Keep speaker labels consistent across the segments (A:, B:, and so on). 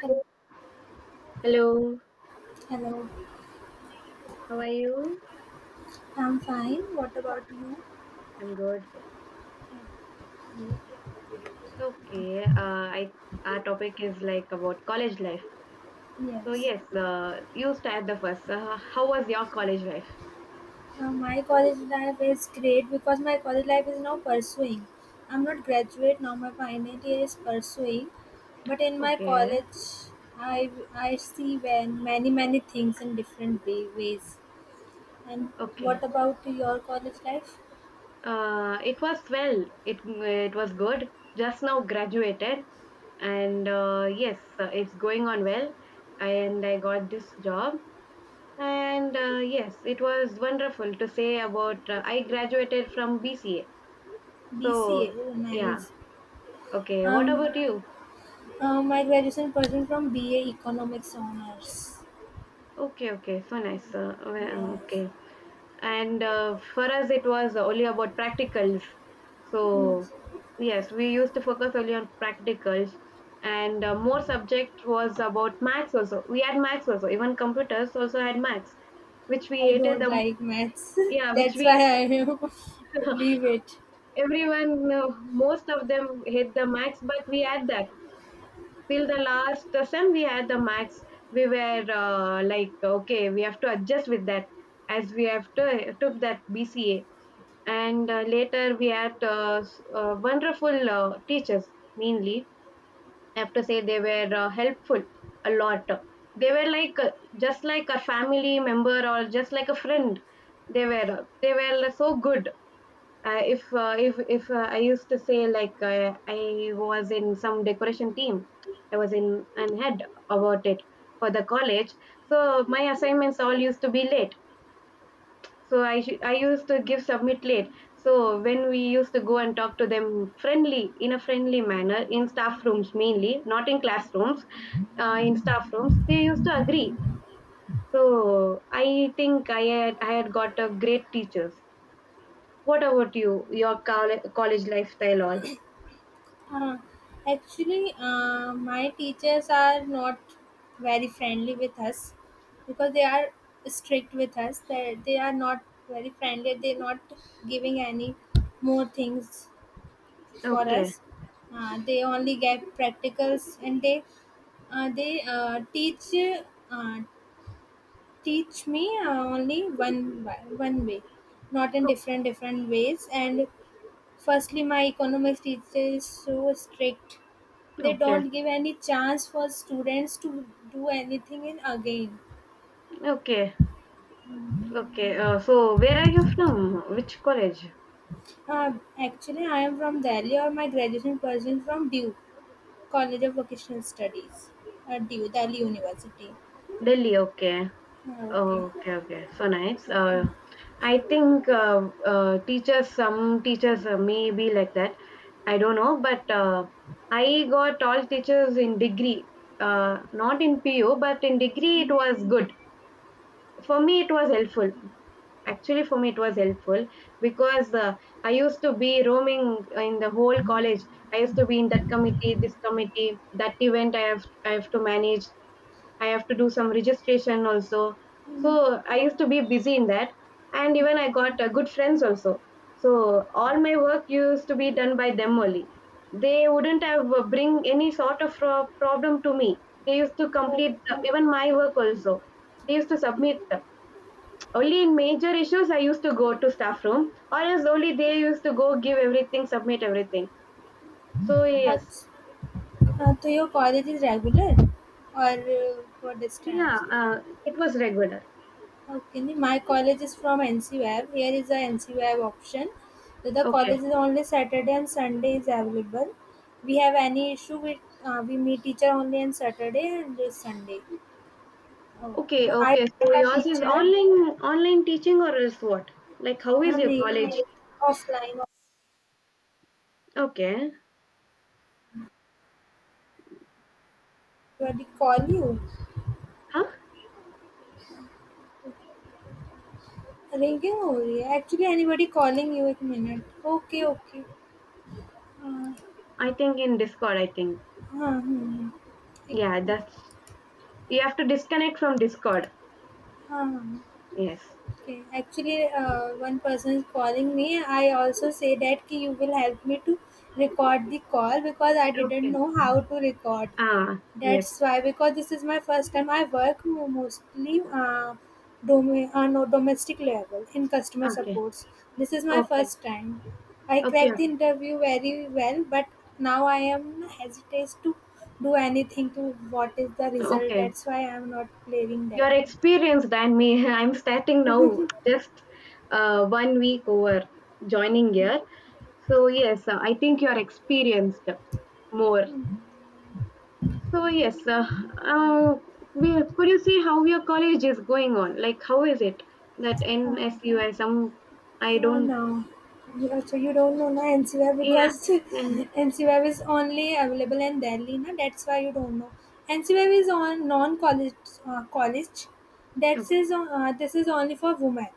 A: Hel-
B: Hello,
A: Hello,
B: how are you?
A: I'm fine. What about you?
B: I'm good. Okay, our topic is like about college life. So
A: Yes.
B: yes, you start the first. How was your college life?
A: My college life is great because my college life is now pursuing. I'm not graduate now. My final year is pursuing, but in my
B: Okay,
A: college, I I see when many many things in different way, ways. And
B: okay.
A: what about your college life?
B: It was well. It was good. Just now graduated, and yes, it's going on well. And I got this job, and yes, it was wonderful to say about. I graduated from BCA. So
A: BCA. Oh,
B: yeah,
A: nice.
B: okay. What
A: Um,
B: about you?
A: my graduation person from BA Economics Honors.
B: Okay, okay, so nice.
A: Yes.
B: Okay, and for us it was only about practicals. So
A: Yes.
B: yes, we used to focus only on practicals, and more subject was about maths also. We had maths also, even computers also had maths, which we
A: I
B: hated
A: don't
B: the most.
A: like maths.
B: Yeah, which
A: That's
B: we
A: why I leave it.
B: everyone most of them hate the maths, but we had that. Till the last sem we had the max, we were like okay we have to adjust with that as we have to, took that BCA, and later we had wonderful teachers mainly. I have to say they were helpful a lot. They were like just like a family member or just like a friend. They were they were so good. If I used to say like I was in some decoration team, I was in and head about it for the college. So my assignments all used to be late. So I used to give submit late. So when we used to go and talk to them friendly in a friendly manner in staff rooms mainly, not in classrooms, in staff rooms, they used to agree. So I think I had got a great teachers. What about you? Your college lifestyle, all?
A: Uh, my teachers are not very friendly with us because they are strict with us. They are not very friendly. They're not giving any more things for
B: Okay.
A: us. They only get practicals and they teach uh, teach me only one way, not in
B: O
A: different different ways. And firstly, my economics teacher is so strict; they
B: okay.
A: don't give any chance for students to do anything in again.
B: Okay. Okay. So where are you from? Which college?
A: Uh, I am from Delhi, or my graduation person from Duke College of Vocational Studies, Duke Delhi University.
B: Delhi. Okay.
A: Okay.
B: Oh, okay. Okay. So nice. Uh,
A: Okay.
B: I think uh, uh, teachers, some teachers may be like that. I don't know. But I got all teachers in degree. Not in PU, but in degree it was good. For me it was helpful, actually for me it was helpful, because I used to be roaming in the whole college. I used to be in that committee, this committee, that event. I have to manage, I have to do some registration also. So I used to be busy in that, and even I got good friends also. So all my work used to be done by them only. They wouldn't have bring any sort of problem to me. They used to
A: So,
B: complete the, even my work also. They used to submit only in major issues. I used to go to staff room, or else only they used to go give everything, submit everything. So
A: uh,
B: yes,
A: so, uh, so your college is regular or uh, for
B: yeah,
A: distance?
B: it was regular.
A: Okay, my college is from NCWAB. Here is the NCWAB option. So, the
B: Okay,
A: college is only Saturday and Sunday is available. We have any issue with we meet teacher only on Saturday and this Sunday. Oh.
B: okay,
A: I
B: okay. So
A: a
B: yours is
A: teacher
B: online teaching or else what? Like how is
A: her
B: your
A: name
B: college?
A: offline.
B: Okay,
A: Anybody call you?
B: huh?
A: Ringing only. Actually, anybody calling you at minute. Okay, okay. Uh,
B: I think in Discord. I think
A: हाँ, हाँ, हाँ. ठीक,
B: yeah, that's you have to disconnect from Discord.
A: हाँ, हाँ.
B: Yes.
A: Okay, actually, one person is calling me. I also say that ki you will help me to record the call because I didn't
B: Okay.
A: know how to record.
B: Ah, yes.
A: That's why because this is my first time. I work mostly no, domestic level in customer
B: Okay.
A: supports. This is my
B: Okay.
A: first time. I
B: Okay.
A: cracked
B: Okay.
A: the interview very well, but now I am hesitant to do anything to what is the result.
B: Okay.
A: That's why I am not clearing that.
B: Your experience than me. I'm starting now, just one week over joining here. So, yes, I think you're experienced more. So, yes, uh, could you say how your college is going on? Like, how is it that
A: Uh,
B: NSUI? Some, I don't,
A: No. So you don't know na NCWeb
B: yeah.
A: because
B: Mm.
A: NCWeb is only available in Delhi na that's why you don't know. NCWeb is on non college college. That
B: Okay,
A: is This is only for women.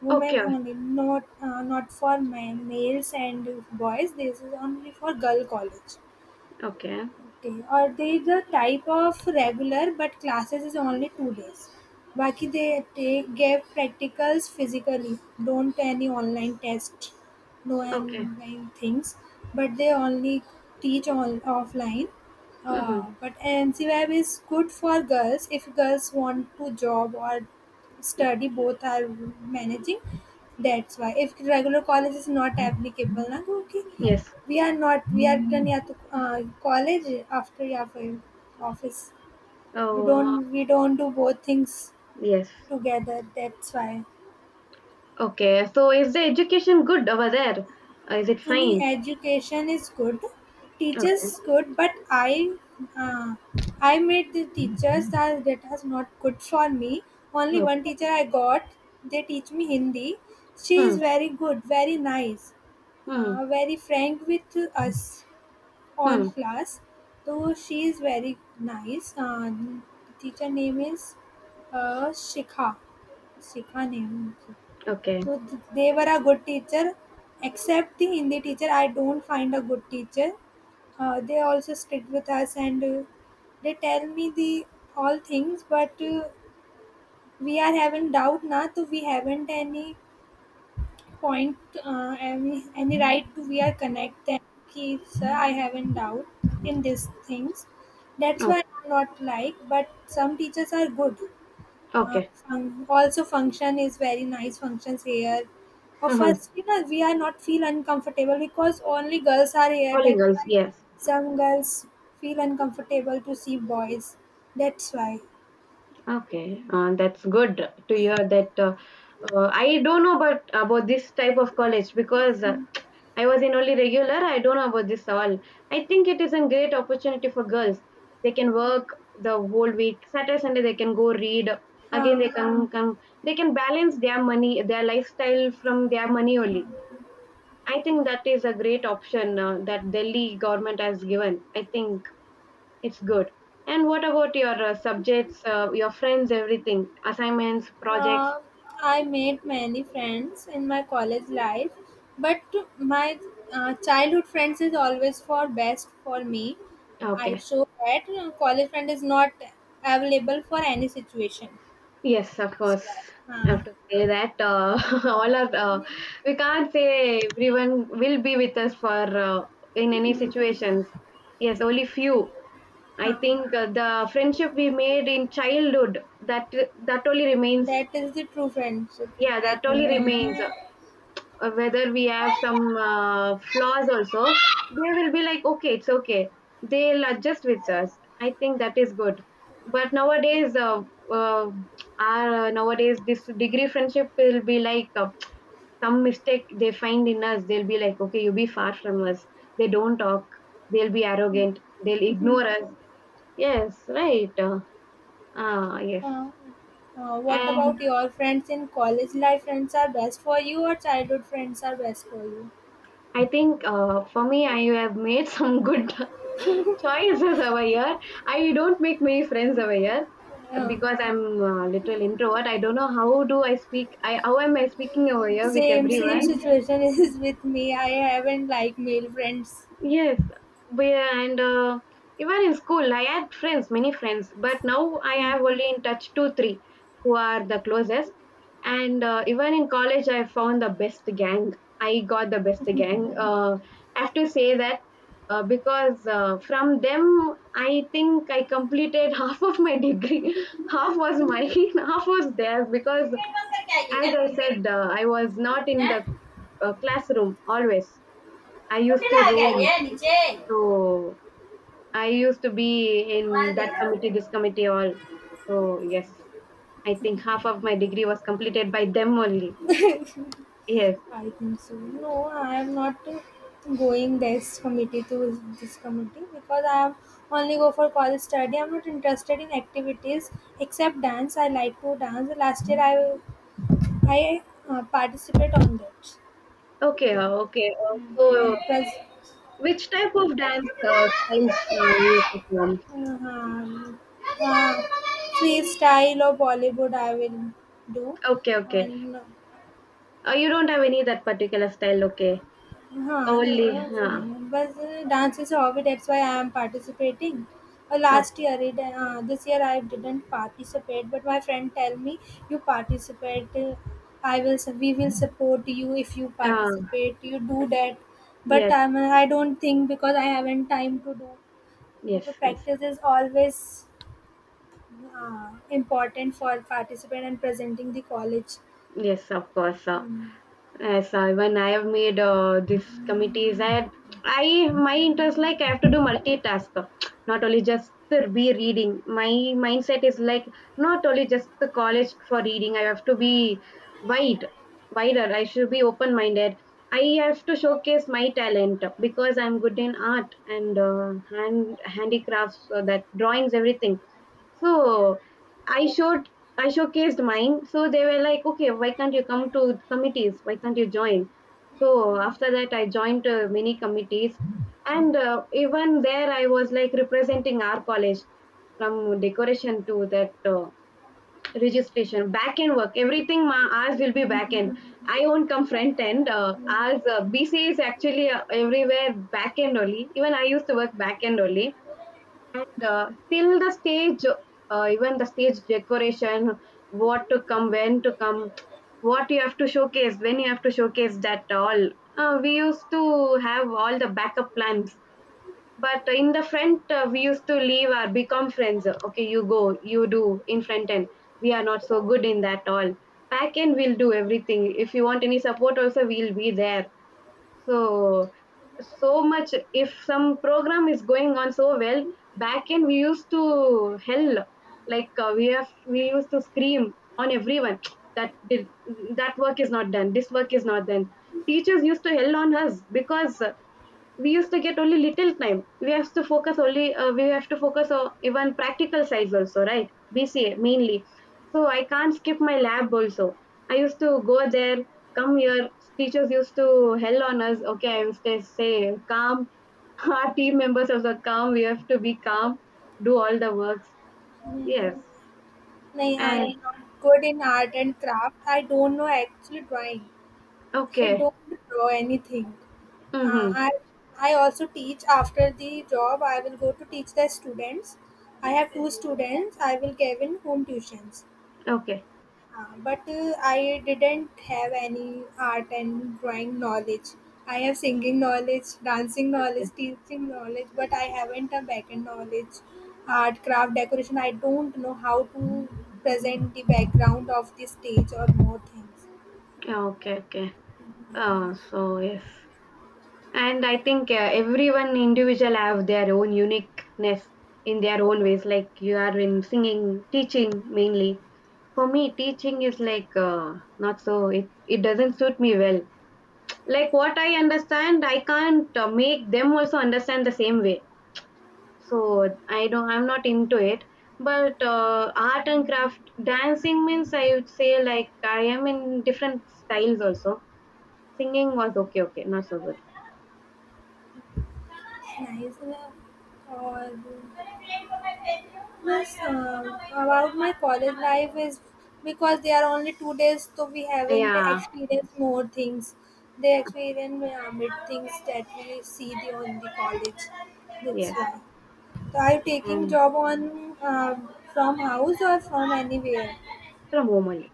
A: Women
B: okay,
A: only, not not for men, males and boys. This is only for girl college.
B: okay,
A: Okay. Are they the type of regular, but classes is only two days. Baki they take gave practicals physically. Don't any online test, no
B: okay.
A: online things. But they only teach on offline.
B: Mm-hmm.
A: But NCWeb is good for girls if girls want to job or study. Both are managing. That's why if regular college is not applicable, na, okay.
B: Yes.
A: We are not. We are done yeah, to college after yeah for office. We
B: Oh,
A: don't. We don't do both things
B: yes.
A: together. That's why.
B: Okay. So, is the education good over there? Is it
A: Any
B: fine?
A: education is good.
B: Okay.
A: Teachers good, but uh, I made the teachers that that was not good for me. Only
B: No.
A: one teacher I got. They teach me Hindi. She
B: Mm,
A: is very good, very nice,
B: mm,
A: very frank with us all
B: mm.
A: class. So she is very nice. The teacher name is Shikha. Shikha name.
B: Okay.
A: So they were a good teacher. Except the Hindi teacher, I don't find a good teacher. They also strict with us and they tell me the all things, but we are having doubt now, so we haven't any point any right to we are connect then ki sir I haven't doubt in these things, that's
B: Oh,
A: why I'm not like, but some teachers are good.
B: okay.
A: Also function is very nice, functions here of
B: Mm-hmm.
A: us we are not feel uncomfortable because only girls are here,
B: Only
A: that
B: girls,
A: why
B: yes.
A: some girls feel uncomfortable to see boys, that's why.
B: Okay. That's good to hear that. I don't know about this type of college because I was in only regular. I don't know about this all. I think it is a great opportunity for girls. They can work the whole week. Saturday, Sunday, they can go read. Again,
A: Huh.
B: they can, come. They can balance their money, their lifestyle from their money only. I think that is a great option that Delhi government has given. I think it's good. And what about your subjects, your friends, everything, assignments, projects?
A: Uh, I made many friends in my college life, but my childhood friends is always for best for me. I
B: Okay.
A: show that college friend is not available for any situation.
B: Yes, of
A: That's
B: course.
A: why.
B: I
A: Huh.
B: have to say that all of we can't say everyone will be with us for in any
A: Hmm.
B: situations. Yes, only few. I
A: Huh.
B: think the friendship we made in childhood, that that only remains.
A: That is the true friendship,
B: Yeah,
A: I
B: that only
A: think.
B: remains. Whether we have some flaws also, they will be like okay it's okay, they'll adjust with us. I think that is good. But nowadays uh, our nowadays this degree friendship will be like some mistake they find in us, they'll be like okay you be far from us. They don't talk, they'll be arrogant, they'll ignore us. Yes, right. Yes,
A: Huh. What
B: and
A: about your friends in college life? Friends are best for you, or childhood friends are best for you?
B: I think for me I have made some good choices over here. I don't make many friends over here
A: Uh,
B: because I'm a little introvert. I don't know how do I speak. I how am I speaking over here with
A: Same, same
B: everyone?
A: situation is with me. I haven't like male friends.
B: Yes, but and even in school, I had friends, many friends, but now I have only in touch two, three who are the closest. And even in college, I found the best gang. I got the best gang. I have to say that because from them, I think I completed half of my degree. Half was mine, half was theirs. Because
A: cricket बंद करके आई है क्या
B: as I
A: तुम
B: said, I was not in the
A: हैं
B: classroom always. I
A: कुंडी
B: used to
A: लगा के आई
B: roam,
A: है नीचे
B: so I used to be
A: आवाज
B: in
A: दे
B: that
A: रहा हो
B: committee, this committee, all. So yes, I think half of my degree was completed by them only. Yes.
A: I think so. No, I am not going this committee to this committee because I am only go for college study. I'm not interested in activities except dance. I like to dance. Last year I participate on that.
B: Okay.
A: So,
B: Okay. So
A: and plus,
B: which type of dance styles you perform?
A: uh, uh, freestyle or Bollywood I will do.
B: Okay. Okay.
A: And
B: You don't have any that particular style. Okay.
A: हाँ no
B: Only.
A: it's नहीं है। बस dance is a hobby, that's why I am participating
B: Oh,
A: last year it this year I didn't participate but my friend tell me you participate I will we will support you if you
B: uh,
A: participate you do that, but
B: yes.
A: I don't think because I haven't time to do.
B: Yes.
A: Okay,
B: Yes.
A: practice is always important for participant and presenting the college.
B: Yes. Of course.
A: Hmm.
B: Yes, when I have made this committees, I had, I my interest like I have to do multitask, not only just to be reading. My mindset is like not only just the college for reading. I have to be wide, wider. I should be open minded. I have to showcase my talent because I'm good in art and handicrafts, so that drawings, everything. So I showed I showcased mine. So they were like, okay, why can't you come to committees? Why can't you join? So after that, I joined many committees, and even there, I was like representing our college from decoration to that registration, back end work. Everything ours will be back end. I won't come front end. Ours BC is actually everywhere back end only. Even I used to work back end only, and still even the stage decoration, what to come, when to come, what you have to showcase, when you have to showcase that all. We used to have all the backup plans. But in the front, we used to leave our become friends. Okay, you go, you do in front end. We are not so good in that all. Back end, we'll do everything. If you want any support, also, we'll be there. So so much if some program is going on so well, back end we used to hell. Like we used to scream on everyone that did that work is not done, this work is not done. Teachers used to hell on us because we used to get only little time. We have to focus only. We have to focus on even practical sides also, right? BCA mainly. So I can't skip my lab also. I used to go there, come here. Teachers used to hell on us. Okay, I used to say calm. Our team members also calm. We have to be calm. Do all the works. Yes.
A: Nay, I
B: And
A: am not good in art and craft. I don't know actually drawing. I
B: okay.
A: don't draw anything. Uh,
B: Mm-hmm.
A: I I also teach after the job. I will go to teach the students. I have two students. I will give in home tuitions.
B: Okay.
A: But I didn't have any art and drawing knowledge. I have singing knowledge, dancing knowledge,
B: Okay.
A: teaching knowledge, but I haven't a backend knowledge, art, craft, decoration. I don't know how to present the background of the stage or more things.
B: Okay. Okay. So yes. And I think everyone individual have their own uniqueness in their own ways. Like you are in singing, teaching mainly. For me, teaching is like not so. It doesn't suit me well. Like what I understand, I can't make them also understand the same way. So I don't. I'm not into it. But art and craft, dancing means I would say like I am in different styles also. Singing was okay, okay, not so good.
A: Nice or yes about my college life is because they are only two days so we haven't
B: Yeah.
A: experienced more things, they experience mid things that we see the on the college that's
B: Yes.
A: why. So are you taking job on uh, from house or from anywhere?
B: From home only.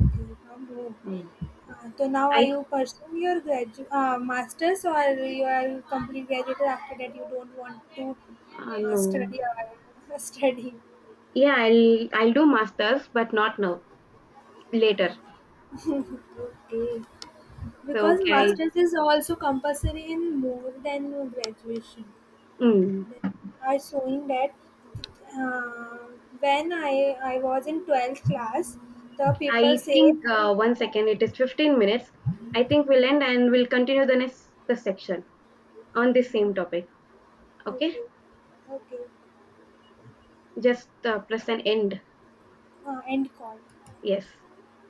A: Okay, Pablo.
B: Mm.
A: So now are
B: I
A: you pursuing your master's or you are complete graduated after that you don't want to
B: no.
A: study or study?
B: Yeah, I'll do masters, but not now. Later.
A: Okay.
B: So
A: Because
B: can I?
A: master's is also compulsory in more than graduation.
B: Mm,
A: They are showing that uh, when I was in 12th class, the people
B: I
A: say,
B: think one second. It is 15 minutes. I think we'll end and we'll continue the next the section
A: okay,
B: on the same topic. Okay.
A: okay, okay,
B: Just press an end.
A: end call.
B: Yes.